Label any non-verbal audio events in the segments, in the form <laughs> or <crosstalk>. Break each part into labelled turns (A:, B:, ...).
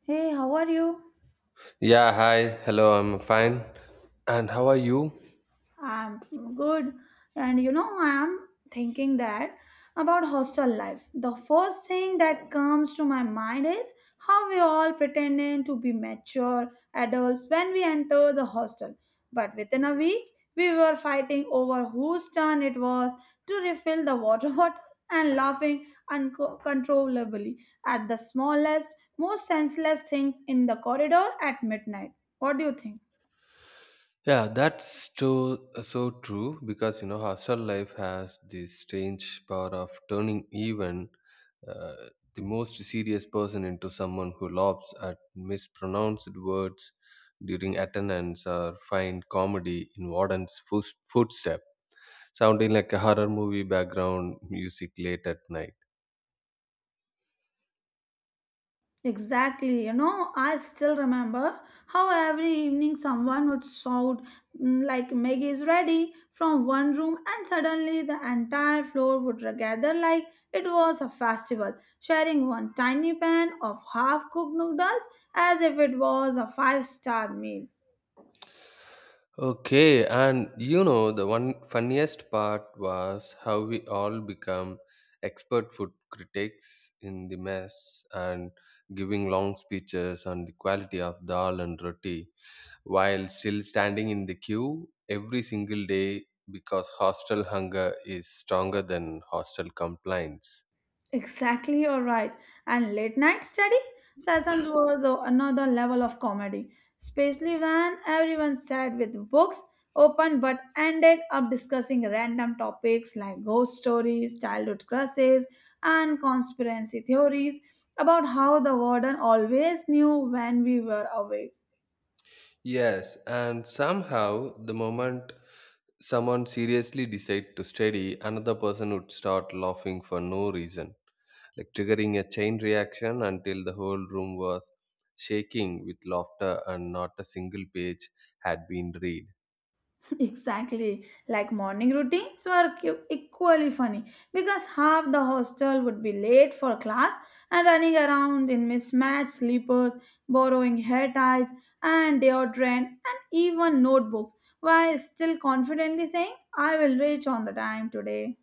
A: Hey, how are you?
B: Yeah, hi. Hello, I'm fine. And how are you?
A: I'm good. I'm thinking that about hostel life. The first thing that comes to my mind is how we all pretending to be mature adults when we enter the hostel. But within a week, we were fighting over whose turn it was to refill the water <laughs> bottle and laughing uncontrollably at the smallest, most senseless things in the corridor at midnight. What do you think?
B: That's so true because you know, hostel life has this strange power of turning even uh, the most serious person into someone who laughs at mispronounced words during attendance or find comedy in warden's footstep, sounding like a horror movie background music late at night.
A: Exactly. I still remember how every evening someone would shout, Maggie is ready from one room, and suddenly the entire floor would gather like it was a festival, sharing one tiny pan of half cooked noodles as if it was a five-star meal.
B: Okay, and you know the one funniest part was how we all become expert food critics in the mess and giving long speeches on the quality of dal and roti while still standing in the queue every single day because hostel hunger is stronger than hostel complaints.
A: Exactly, you're right. And late night study sessions were the another level of comedy, especially when everyone sat with books open but ended up discussing random topics like ghost stories, childhood crushes, and conspiracy theories about how the warden always knew when we were awake.
B: Yes, and somehow the moment someone seriously decide to study, another person would start laughing for no reason like triggering a chain reaction until the whole room was shaking with laughter and not a single page had been read.
A: <laughs> Exactly. Like morning routines were equally funny because half the hostel would be late for class and running around in mismatched sleepers, borrowing hair ties and deodorant and even notebooks while still confidently saying, I will reach on the time today.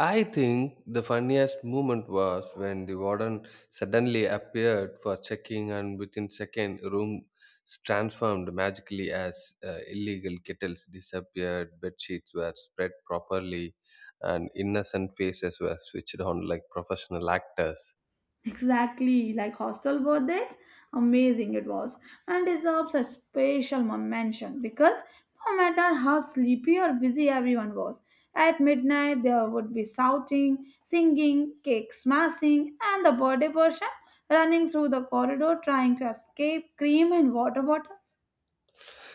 B: I think the funniest moment was when the warden suddenly appeared for checking, and within second, room transformed magically as illegal kettles disappeared, bed sheets were spread properly, and innocent faces were switched on like professional actors.
A: Exactly, like hostel birthdays, amazing it was, and deserves a special mention because no matter how sleepy or busy everyone was, at midnight there would be shouting, singing, cake smashing, and the birthday person running through the corridor trying to escape cream and water bottles.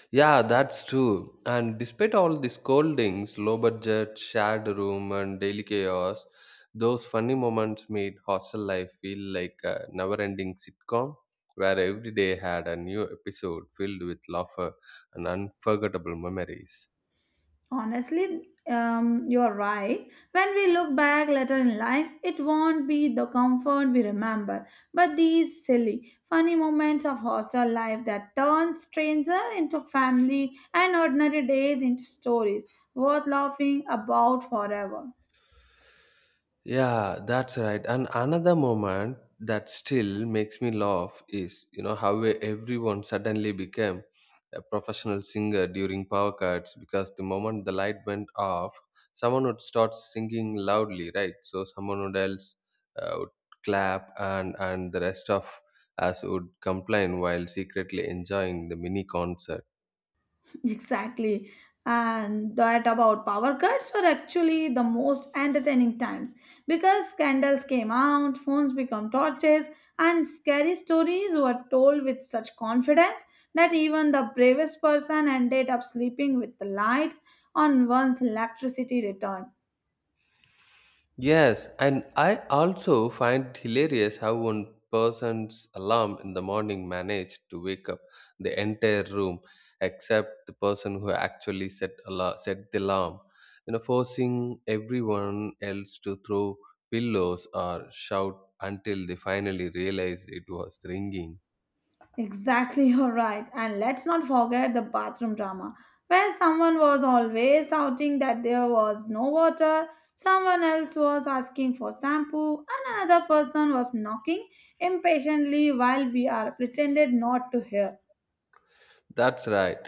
B: Yeah, that's true. And despite all the scoldings, low budget, shared room, and daily chaos, those funny moments made hostel life feel like a never ending sitcom where every day had a new episode filled with laughter and unforgettable memories.
A: Honestly, you're right. When we look back later in life, it won't be the comfort we remember, but these silly, funny moments of hostel life that turn stranger into family and ordinary days into stories worth laughing about forever.
B: Yeah, that's right. And another moment that still makes me laugh is, you know, how everyone suddenly became a professional singer during power cuts because the moment the light went off, someone would start singing loudly, right? So someone would else would clap and the rest of us would complain while secretly enjoying the mini concert.
A: <laughs> Exactly. And that about power cuts were actually the most entertaining times because scandals came out, phones become torches, and scary stories were told with such confidence that even the bravest person ended up sleeping with the lights on once electricity returned.
B: Yes, and I also find hilarious how one person's alarm in the morning managed to wake up the entire room except the person who actually set the alarm, you know, forcing everyone else to throw pillows or shout until they finally realized it was ringing.
A: Exactly, <laughs> you're right. And let's not forget the bathroom drama, where someone was always shouting that there was no water, someone else was asking for shampoo, and another person was knocking impatiently while we are pretended not to hear.
B: That's right.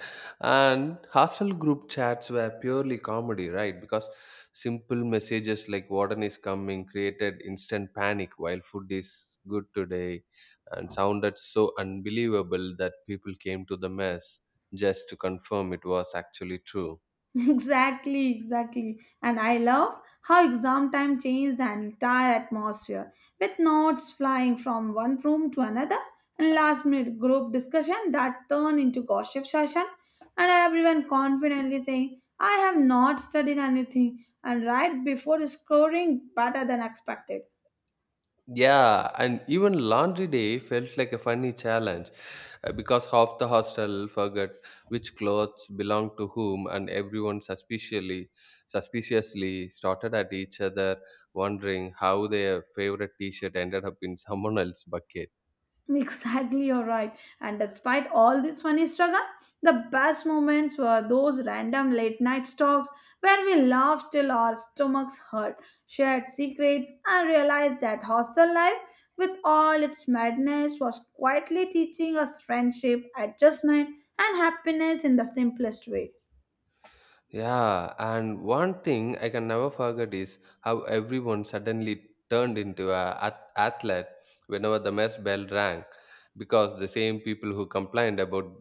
B: And hostel group chats were purely comedy, right? Because simple messages like warden is coming created instant panic while food is good today and sounded so unbelievable that people came to the mess just to confirm it was actually true.
A: Exactly, exactly. And I love how exam time changed the entire atmosphere with notes flying from one room to another and last minute group discussion that turned into gossip session and everyone confidently saying, I have not studied anything and right before scoring better than expected.
B: Yeah, and even laundry day felt like a funny challenge because half the hostel forgot which clothes belonged to whom, and everyone suspiciously started at each other, wondering how their favorite T-shirt ended up in someone else's bucket.
A: <laughs> Exactly, you're right. And despite all this funny struggle, the best moments were those random late night talks where we laughed till our stomachs hurt, shared secrets, and realized that hostel life, with all its madness, was quietly teaching us friendship, adjustment, and happiness in the simplest way.
B: Yeah, and one thing I can never forget is how everyone suddenly turned into a athlete whenever the mess bell rang, because the same people who complained about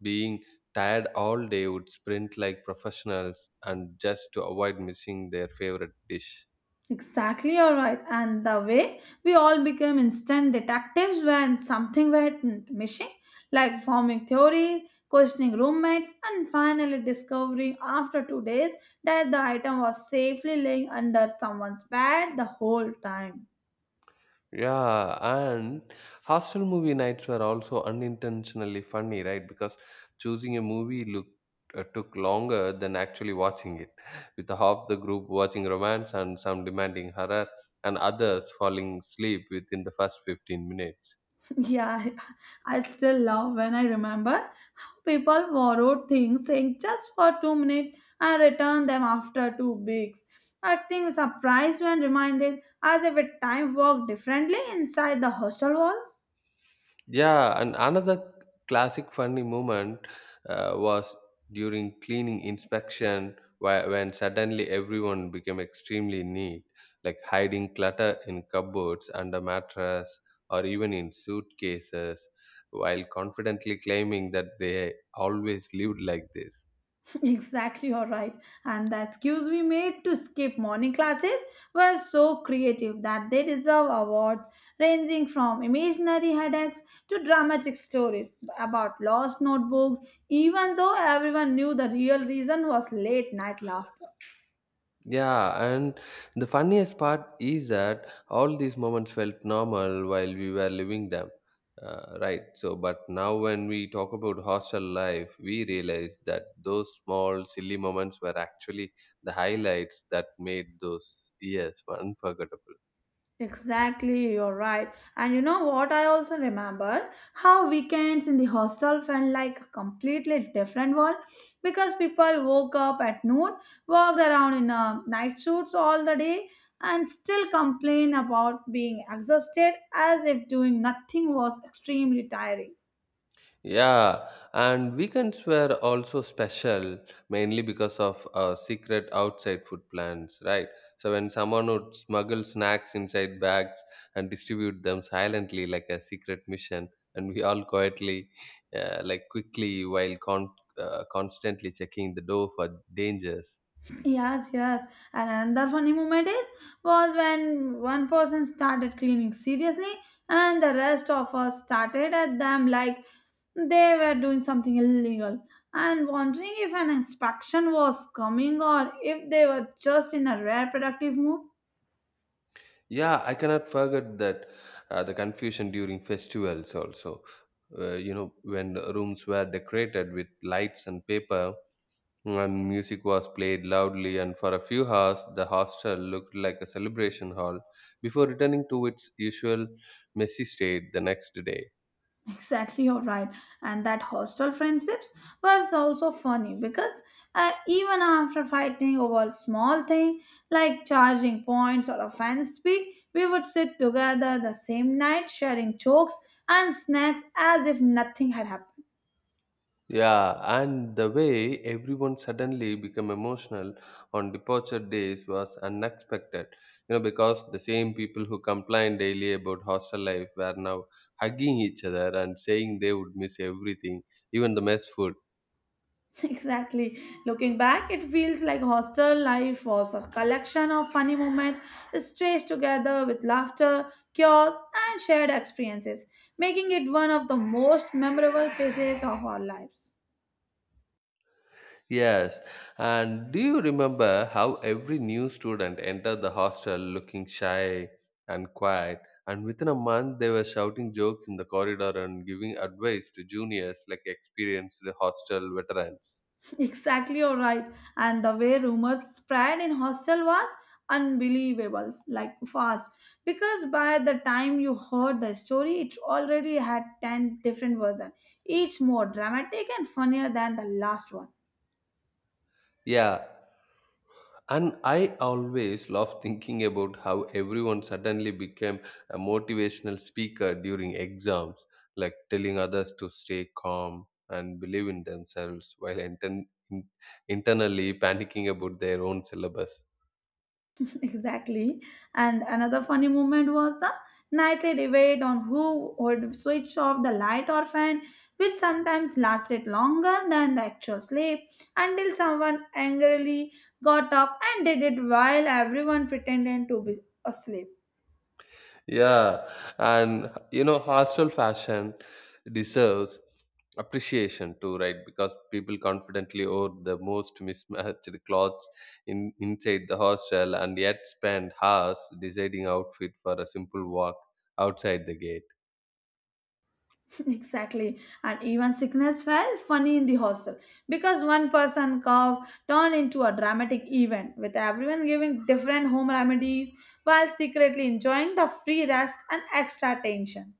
B: being tired all day would sprint like professionals and just to avoid missing their favorite dish.
A: Exactly, you're right. And the way we all became instant detectives when something went missing, like forming theories, questioning roommates, and finally discovering after 2 days that the item was safely laying under someone's bed the whole time.
B: Yeah, and hostel movie nights were also unintentionally funny, right? Because choosing a movie looked took longer than actually watching it, with half the group watching romance and some demanding horror, and others falling asleep within the first 15 minutes.
A: Yeah, <laughs> I still laugh when I remember how people borrowed things, saying just for 2 minutes and return them after 2 weeks. Acting surprised when reminded as if it time worked differently inside the hostel walls.
B: Yeah, and another classic funny moment was during cleaning inspection where, when suddenly everyone became extremely neat, like hiding clutter in cupboards, under mattress, or even in suitcases, while confidently claiming that they always lived like this.
A: <laughs> Exactly, you're right. And the excuse we made to skip morning classes were so creative that they deserve awards ranging from imaginary headaches to dramatic stories about lost notebooks, even though everyone knew the real reason was late night laughter.
B: Yeah, and the funniest part is that all these moments felt normal while we were living them, right? So, but now when we talk about hostel life, we realize that those small, silly moments were actually the highlights that made those years <laughs> unforgettable.
A: Exactly, you're right. And you know what? I also remember how weekends in the hostel felt like a completely different world because people woke up at noon, walked around in night suits all the day, and still complain about being exhausted as if doing nothing was extremely tiring.
B: Yeah, and weekends were also special mainly because of secret outside food plans, right? So when someone would smuggle snacks inside bags and distribute them silently like a secret mission, and we all quietly, like quickly, while constantly checking the door for dangers.
A: Yes, yes. And another funny moment is was when one person started cleaning seriously and the rest of us started at them like they were doing something illegal and wondering if an inspection was coming or if they were just in a rare productive mood. <laughs>
B: Yeah, I cannot forget that the confusion during festivals also. You know, when the rooms were decorated with lights and paper and music was played loudly, and for a few hours the hostel looked like a celebration hall before returning to its usual messy state the next day.
A: Exactly, you're right. And that hostile friendships was also funny because even after fighting over small thing like charging points or a fan speed, we would sit together the same night sharing jokes and snacks as if nothing had happened.
B: Yeah, and the way everyone suddenly became emotional on departure days was unexpected, you know, because the same people who complained daily about hostel life were now hugging each other and saying they would miss everything, even the mess food.
A: Exactly. Looking back, it feels like hostel life was a collection of funny moments stretched together with laughter, chaos, and shared experiences, making it one of the most memorable phases of our lives.
B: Yes, and do you remember how every new student entered the hostel looking shy and quiet? And within a month, they were shouting jokes in the corridor and giving advice to juniors like experienced hostel veterans.
A: <laughs> Exactly, you're right. And the way rumors spread in hostel was unbelievable, like fast. Because by the time you heard the story, it already had 10 different versions, each more dramatic and funnier than the last one.
B: Yeah, and I always love thinking about how everyone suddenly became a motivational speaker during exams, like telling others to stay calm and believe in themselves while internally panicking about their own syllabus.
A: <laughs> Exactly. And another funny moment was the nightly debate on who would switch off the light or fan, which sometimes lasted longer than the actual sleep until someone angrily got up and did it while everyone pretended to be asleep.
B: Yeah, and you know, hostel fashion deserves appreciation too, right? Because people confidently own the most mismatched <laughs> clothes in inside the hostel, and yet spend hours deciding outfit for a simple walk outside the gate.
A: <laughs> Exactly. And even sickness felt funny in the hostel because one person cough turned into a dramatic event with everyone giving different home remedies while secretly enjoying the free rest and extra attention.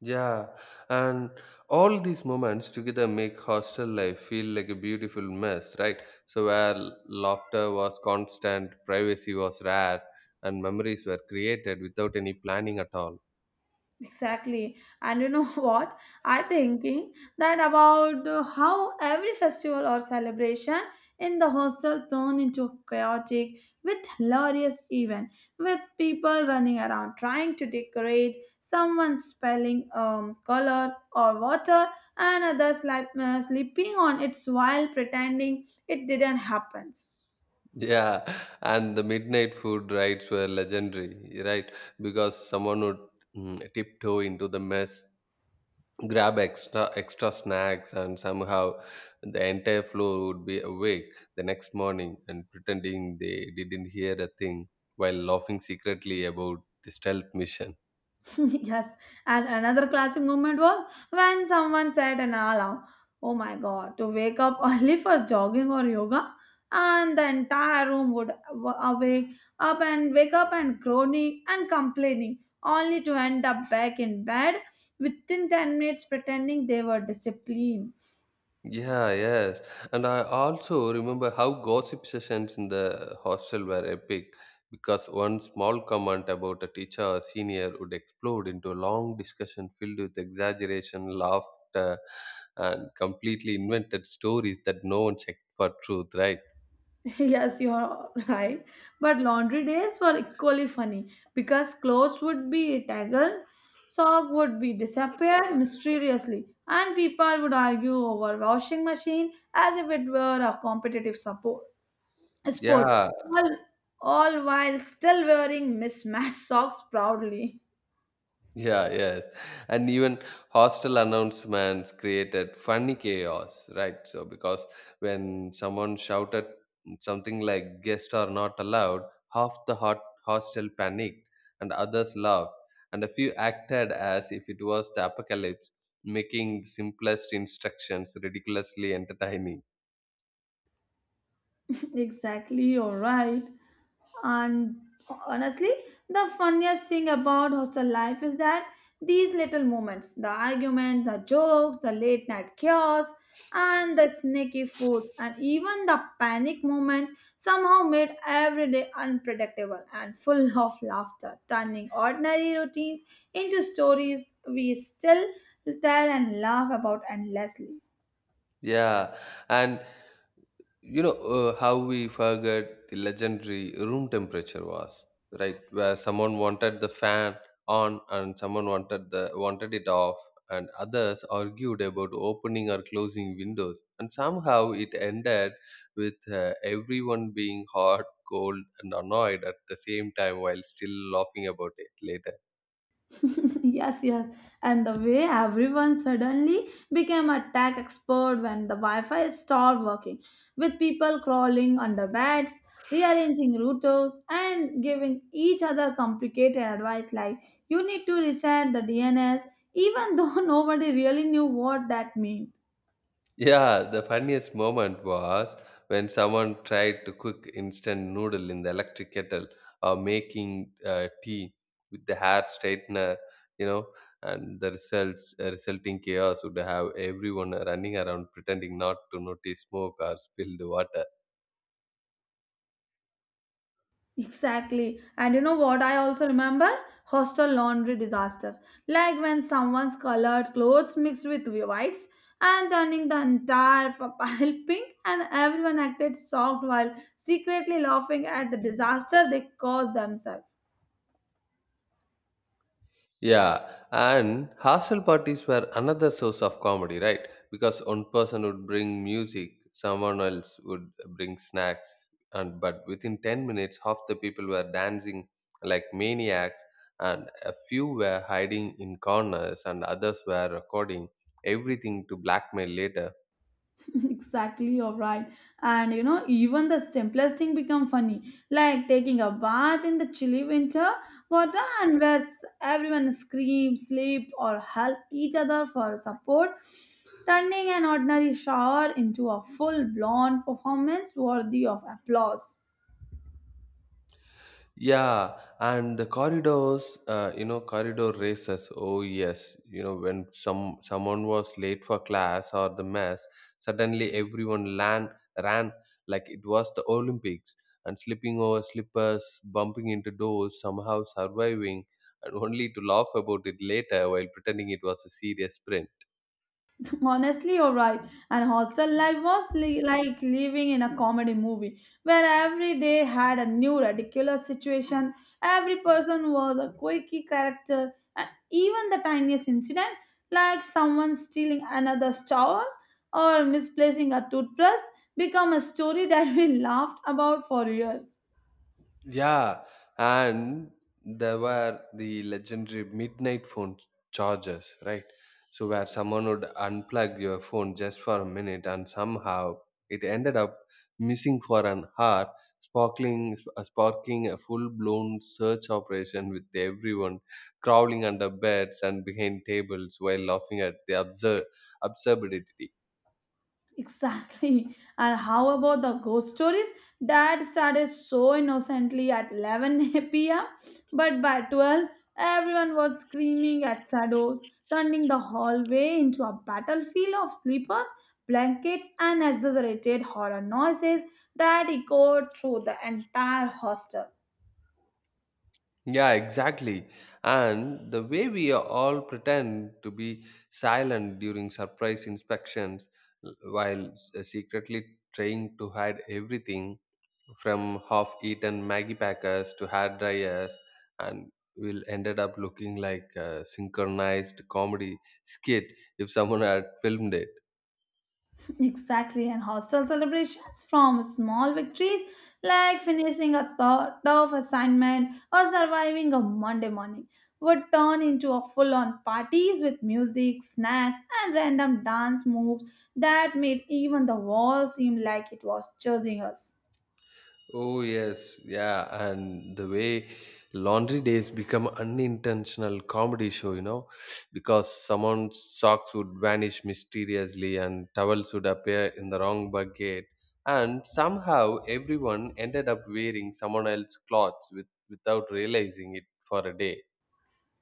B: Yeah, and all these moments together make hostel life feel like a beautiful mess, right? So, where laughter was constant, privacy was rare, and memories were created without any planning at all. <laughs>
A: Exactly. And you know <laughs> what? I thinking that about how every festival or celebration in the hostel turn into chaotic with hilarious event with people running around trying to decorate, someone spelling colors or water and others sleeping on its while pretending it didn't happen.
B: Yeah, and the midnight food rides were legendary, right? Because someone would tiptoe into the mess grab extra snacks and somehow the entire floor would be awake the next morning and pretending they didn't hear a thing while laughing secretly about the stealth mission.
A: <laughs> Yes, and another classic moment was when someone set an alarm. Oh my god, to wake up <laughs> early for jogging or yoga, and the entire room would wa- awake up and wake up and groaning and complaining, only to end up back in bed within 10 minutes pretending they were disciplined.
B: Yeah, yes, and I also remember how gossip sessions in the hostel were epic because one small comment about a teacher or senior would explode into a long discussion filled with exaggeration laughter and completely invented stories that no one checked for truth, right?
A: <laughs> Yes, you are <laughs> right. But laundry days were equally funny because clothes would be tangled, sock would be disappear mysteriously, and people would argue over washing machine as if it were a competitive support sport.
B: Yeah,
A: All, all while still wearing mismatched socks proudly.
B: yeah, yes. And even hostel announcements created funny chaos, right? So because when someone shouted something like guests are not allowed, half the hot hostel panicked and others laughed, and a few acted as if it was the apocalypse, making simplest instructions ridiculously entertaining.
A: <laughs> Exactly, you're right. And honestly, the funniest thing about hostel life is that these little moments the argument, the jokes, the late night chaos, and the sneaky food, and even the panic moments somehow made every day unpredictable and full <laughs> of laughter, turning ordinary routines into stories we still tell and laugh about endlessly.
B: Yeah, and you know how we forget the legendary room temperature was, right? Where someone wanted the fan on and someone wanted it off, and others argued about opening or closing windows, and somehow it ended with everyone being hot, cold, and annoyed at the same time while still laughing about it later.
A: <laughs> Yes, yes. And the way everyone suddenly became a tech expert when the Wi Fi stopped working, with people crawling under beds, rearranging routers, and giving each other complicated advice like, you need to reset the DNS, even though <laughs> nobody really knew what that meant.
B: Yeah, the funniest moment was when someone tried to cook instant noodle in the electric kettle or making tea with the hair straightener, you know, and the results resulting chaos would have everyone running around pretending not to notice smoke or spilled water.
A: Exactly. And you know what I also remember? Hostel laundry disaster. Like when someone's colored clothes mixed with whites and turning the entire <laughs> pile pink and everyone acted shocked while secretly laughing at the disaster they caused themselves.
B: Yeah, and hostel parties were another source of comedy, right? Because one person would bring music, someone else would bring snacks, and but within 10 minutes, half the people were dancing like maniacs, and a few were hiding in corners, and others were recording everything to blackmail later.
A: <laughs> Exactly, you're right. And you know even the simplest thing become funny like taking a bath in the chilly winter water and where everyone screams sleep or help each other for support turning an ordinary shower into a full blown performance worthy of applause.
B: Yeah, and the corridors, you know, corridor races. Oh yes, you know, when someone was late for class or the mess, suddenly everyone ran like it was the Olympics, and slipping over slippers, bumping into doors, somehow surviving, and <laughs> only to laugh about it later while pretending it was a serious sprint.
A: <laughs> Honestly, you're right. And hostel life was like living in a comedy movie where every day had a new ridiculous situation. Every person was a quirky character, and even the tiniest incident, like someone stealing another's towel or misplacing a toothbrush, become a story that we <laughs> laughed about for years.
B: Yeah, and there were the legendary midnight phone chargers, right? So where someone would unplug your phone just for a minute, and somehow it ended up missing for an hour, sparking a full-blown search operation with everyone crawling under beds and behind tables while laughing at the absurdity.
A: Exactly. And how about the ghost stories? Dad started so innocently at 11 p.m., but by 12, everyone was screaming at shadows, turning the hallway into a battlefield of sleepers, blankets, and exaggerated horror noises that echoed through the entire hostel.
B: Yeah, exactly. And the way we all pretend to be silent during surprise inspections while secretly trying to hide everything from half eaten Maggie packers to hair dryers, and we'll ended up looking like a synchronized comedy skit if someone had filmed it.
A: Exactly, and hostel celebrations from small victories like finishing a tough assignment or surviving a Monday morning would turn into a full on parties with music, snacks, and random dance moves that made even the wall seem like it was choosing us.
B: Oh, yes, yeah, and the way laundry days become unintentional comedy show, you know, because someone's socks would vanish mysteriously and towels would appear in the wrong bucket, and somehow everyone ended up wearing someone else's clothes without realizing it for a day.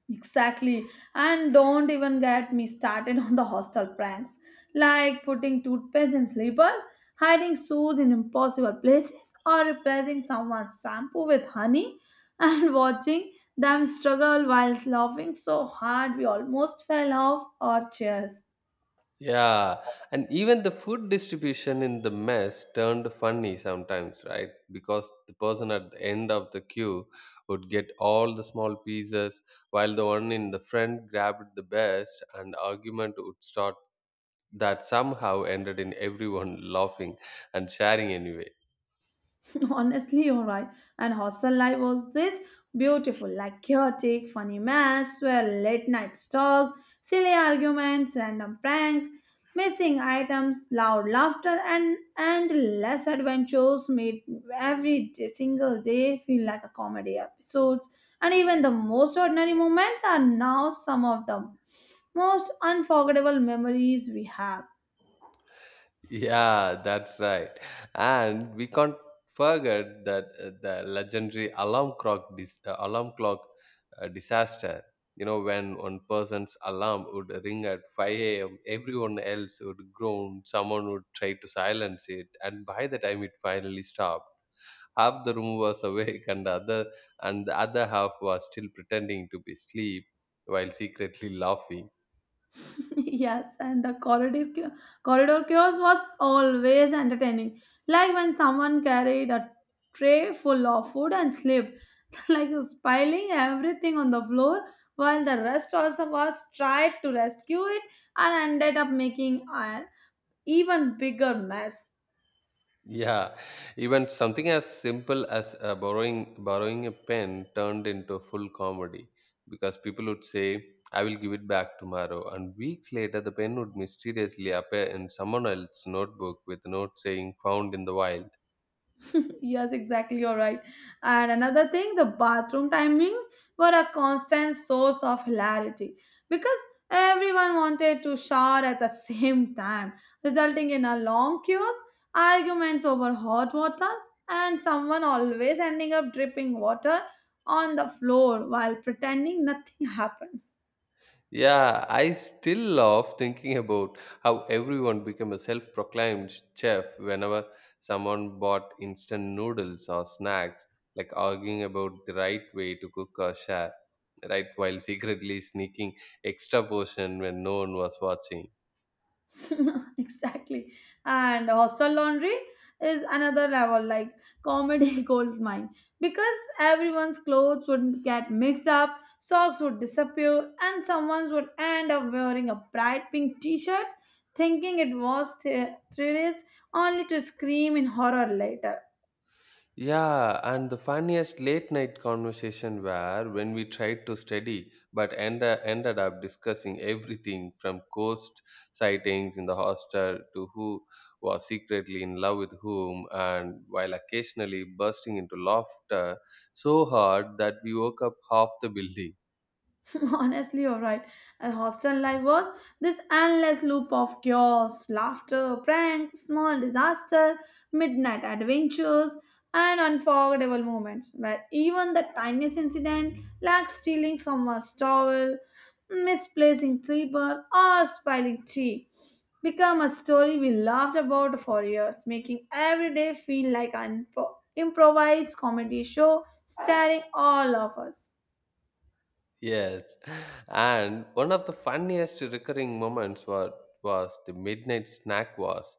A: Exactly. And don't even get me started <laughs> on the hostel pranks, like putting toothpaste in sleeper, hiding shoes in impossible places, or replacing someone's shampoo with honey, and <laughs> watching them struggle while laughing so hard we almost fell off our chairs.
B: Yeah, and even the food distribution in the mess turned funny sometimes, right? Because the person at the end of the queue would get all the small pieces, while the one in the front grabbed the best, and argument would start that somehow ended in everyone <laughs> laughing and sharing anyway.
A: <laughs> Honestly, you're right. And hostel life was this beautiful, like chaotic, funny mess, where late night talks, silly arguments, random pranks, missing items, loud laughter, and endless adventures made every day, single day feel like a comedy episodes. And even the most ordinary moments are now some of the most unforgettable memories we have.
B: Yeah, that's right. And we can't forget that the legendary alarm clock disaster. You know, when one person's alarm would ring at 5 a.m., everyone else would groan, someone would try to silence it, and by the time it finally stopped, half the room was <laughs> awake and the other half was still pretending to be asleep while secretly laughing.
A: <laughs> Yes, and the corridor chaos was always entertaining. Like when someone carried a tray full of food and slipped, <laughs> like spilling everything on the floor, while the rest also was tried to rescue it and ended up making an even bigger mess.
B: Yeah, even something as simple as borrowing a pen turned into full comedy because people would say, "I will give it back tomorrow," and weeks later, the pen would mysteriously appear in someone else's notebook with a note saying "found in the wild."
A: <laughs> Yes, exactly. You're right. And another thing, the bathroom timings were a constant source of hilarity because everyone wanted to shower at the <laughs> same time, resulting in a long queues, arguments over hot water, and someone always ending up dripping water on the floor while pretending nothing <laughs> happened.
B: Yeah, I still love thinking about how everyone became a self-proclaimed chef whenever someone bought instant noodles or snacks, like arguing about the right way to cook or share, right, while secretly sneaking extra portion when no one was watching.
A: <laughs> Exactly. And hostel laundry is another level, like comedy <laughs> gold mine, because everyone's clothes would get mixed up, socks would disappear, and someone would end up wearing a bright pink t-shirt, thinking it was 3 days, only to scream in horror later.
B: Yeah, and the funniest late night conversation were when we tried to study but ended up discussing everything from ghost sightings in the hostel to who was secretly in love with whom, and while occasionally bursting into laughter so hard that we woke up half the building.
A: <laughs> Honestly, you're right. And hostel life was this endless loop of chaos, laughter, pranks, small disaster, midnight adventures, and unforgettable moments where even the tiniest incident, like stealing someone's towel, misplacing slippers, or spilling tea, become a story we laughed about for years, making every day feel like an improvised comedy show starring all of us.
B: Yes, and one of the funniest recurring moments was the midnight snack Was,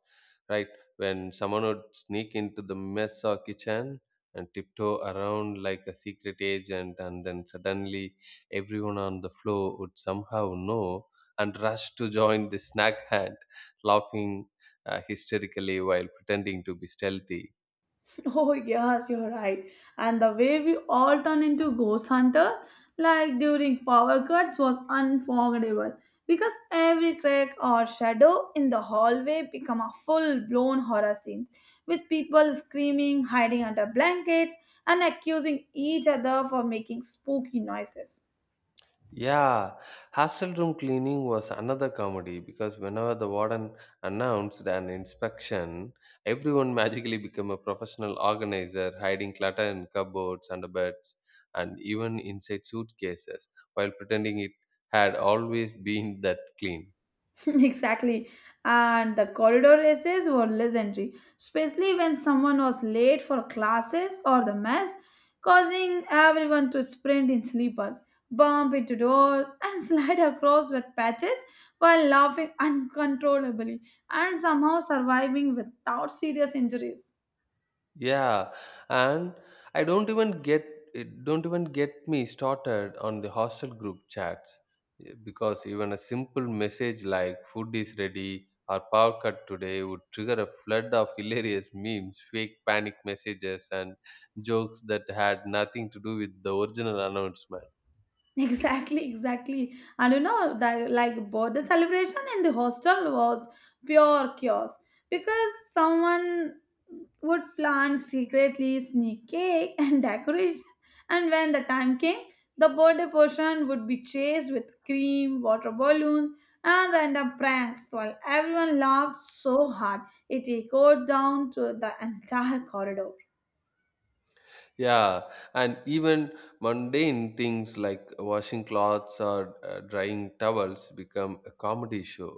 B: right? When someone would sneak into the mess or kitchen and tiptoe around like a secret agent, and then suddenly everyone on the floor would somehow know and rush to join the snack hunt, laughing hysterically while pretending to be stealthy.
A: <laughs> Oh, yes, you're right. And the way we all turned into ghost hunters, like during power cuts, was unforgettable because every crack or shadow in the hallway become a full-blown horror scene with people screaming, hiding under blankets, and accusing each other for making spooky noises.
B: Yeah, hostel room cleaning was another comedy because whenever the warden announced an inspection, everyone magically became a professional organizer, hiding clutter in cupboards, under beds, and even inside suitcases, while pretending it had always been that clean.
A: <laughs> Exactly. And the corridor races were legendary, especially when someone was late for classes or the mess, causing everyone to sprint in sleepers, bump into doors, and <laughs> slide across with patches while laughing uncontrollably and somehow surviving without serious injuries.
B: Yeah, and I don't even get it don't even get me started on the hostel group chats because even a simple message like food is ready or power cut today would trigger a flood of <laughs> hilarious memes, fake panic messages and jokes that had nothing to do with the original announcement.
A: Exactly, exactly. And you know, that like birthday celebration in the hostel was pure chaos because someone would plan secretly sneak cake and <laughs> decoration. And when the time came, the birthday portion would be chased with cream, water balloons, and random pranks while everyone laughed so hard it echoed down to the entire corridor.
B: Yeah, and even mundane things like washing clothes or drying towels become a comedy show,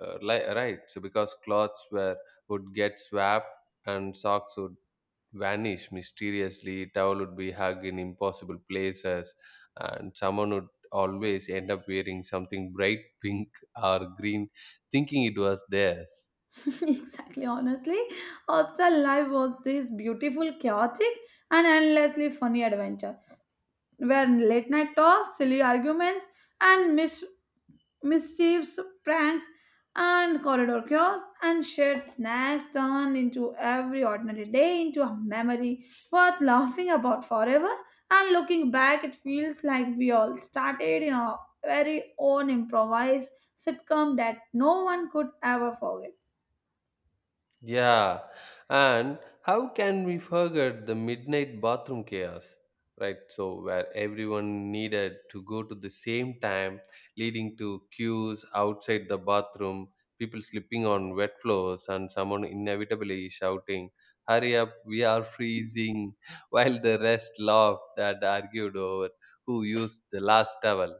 B: right? So because clothes were would get swapped and socks would vanish mysteriously, towel would be hugged in impossible places, and someone would always end up wearing something bright <laughs> pink or green, thinking it was theirs.
A: <laughs> Exactly, honestly, hostel life was this beautiful chaotic and endlessly funny adventure where late night talks, silly arguments, and mischiefs, pranks, and corridor chaos, and shared snacks turned into every ordinary day into a memory worth laughing about forever. And looking back, it feels like we all started in our very own improvised sitcom that no one could ever forget.
B: Yeah, and how can we forget the midnight bathroom chaos, right? So, where everyone needed to go to the same time, leading to queues outside the bathroom, people slipping on wet floors, and someone inevitably shouting, "Hurry up, we are freezing," <laughs> while the rest laughed and argued over who used the last towel.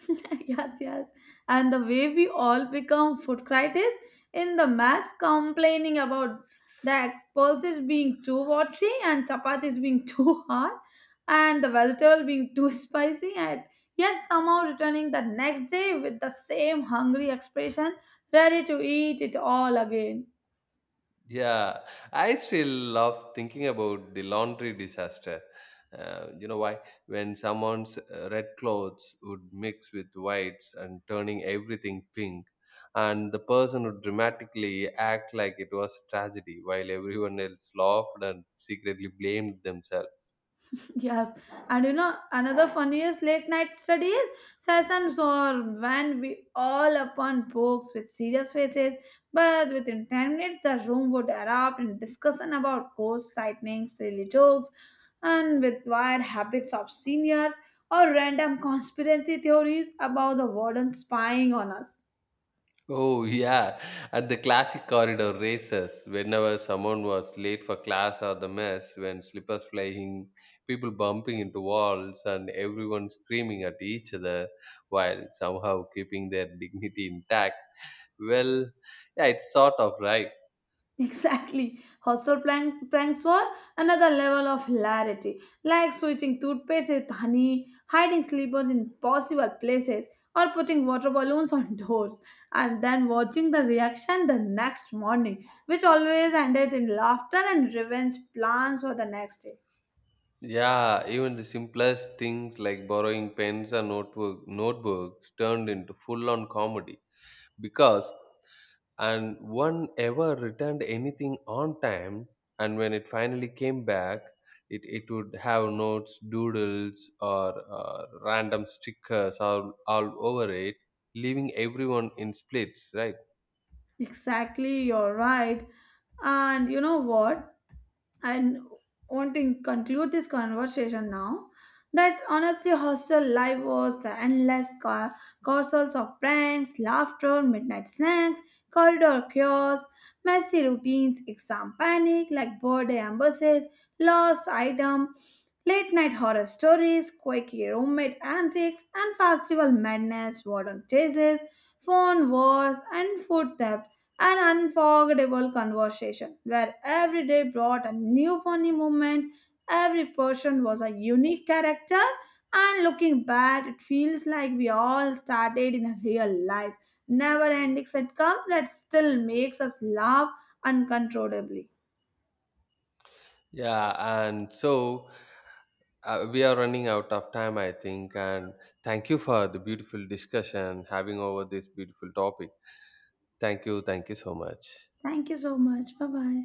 A: <laughs> Yes, yes. And the way we all become food critics in the mass, complaining about the pulses being too watery and chapatis being <laughs> too hard and the vegetable being too <laughs> spicy, and yet somehow returning the next day with the same hungry expression ready to eat it all again.
B: Yeah, I still love thinking about the laundry disaster. You know why? When someone's red clothes would mix with whites and turning everything pink, and the person would dramatically act like it was a tragedy while everyone else laughed and secretly blamed themselves.
A: Yes, and you know another funniest late night studies sessions or when we all upon books with serious faces, but within 10 minutes the room would erupt in discussion about ghost sightings, silly jokes, and with wild habits of seniors or random conspiracy theories about the warden spying on us.
B: Oh, yeah. At the classic corridor races, whenever someone was late for class or the mess, when slippers flying, people bumping into walls, and everyone screaming at each other while somehow keeping their dignity intact. Well, yeah, it's sort of right.
A: <laughs> Exactly. Hostile pranks, pranks were another level of hilarity, like switching toothpaste with honey, hiding sleepers in possible places, or putting water balloons on <laughs> doors, and then watching the reaction the next morning, which always ended in laughter and revenge plans for the next day.
B: Yeah, even the simplest things like borrowing pens or notebooks turned into full on comedy, because and one ever returned anything on time, and when it finally came back it would have notes doodles or random stickers all over it, leaving everyone in splits, right?
A: Exactly, you're right. And you know what? And want to conclude this conversation now that honestly hostel life was the endless carousels of pranks, laughter, midnight snacks, corridor chaos, messy routines, exam panic, like birthday embassies, lost item, late night horror stories, quirky roommate antics, and festival madness, warden chases, phone wars, and food, an unforgettable conversation where every day brought a new funny moment, every person was a unique character, and looking back, it feels like we all started in a real life, never ending sitcom that still makes us laugh uncontrollably.
B: Yeah, and so we are running out of time, I think, and thank you for the beautiful discussion having over this beautiful topic. Thank you so much.
A: Thank you so much. Bye bye.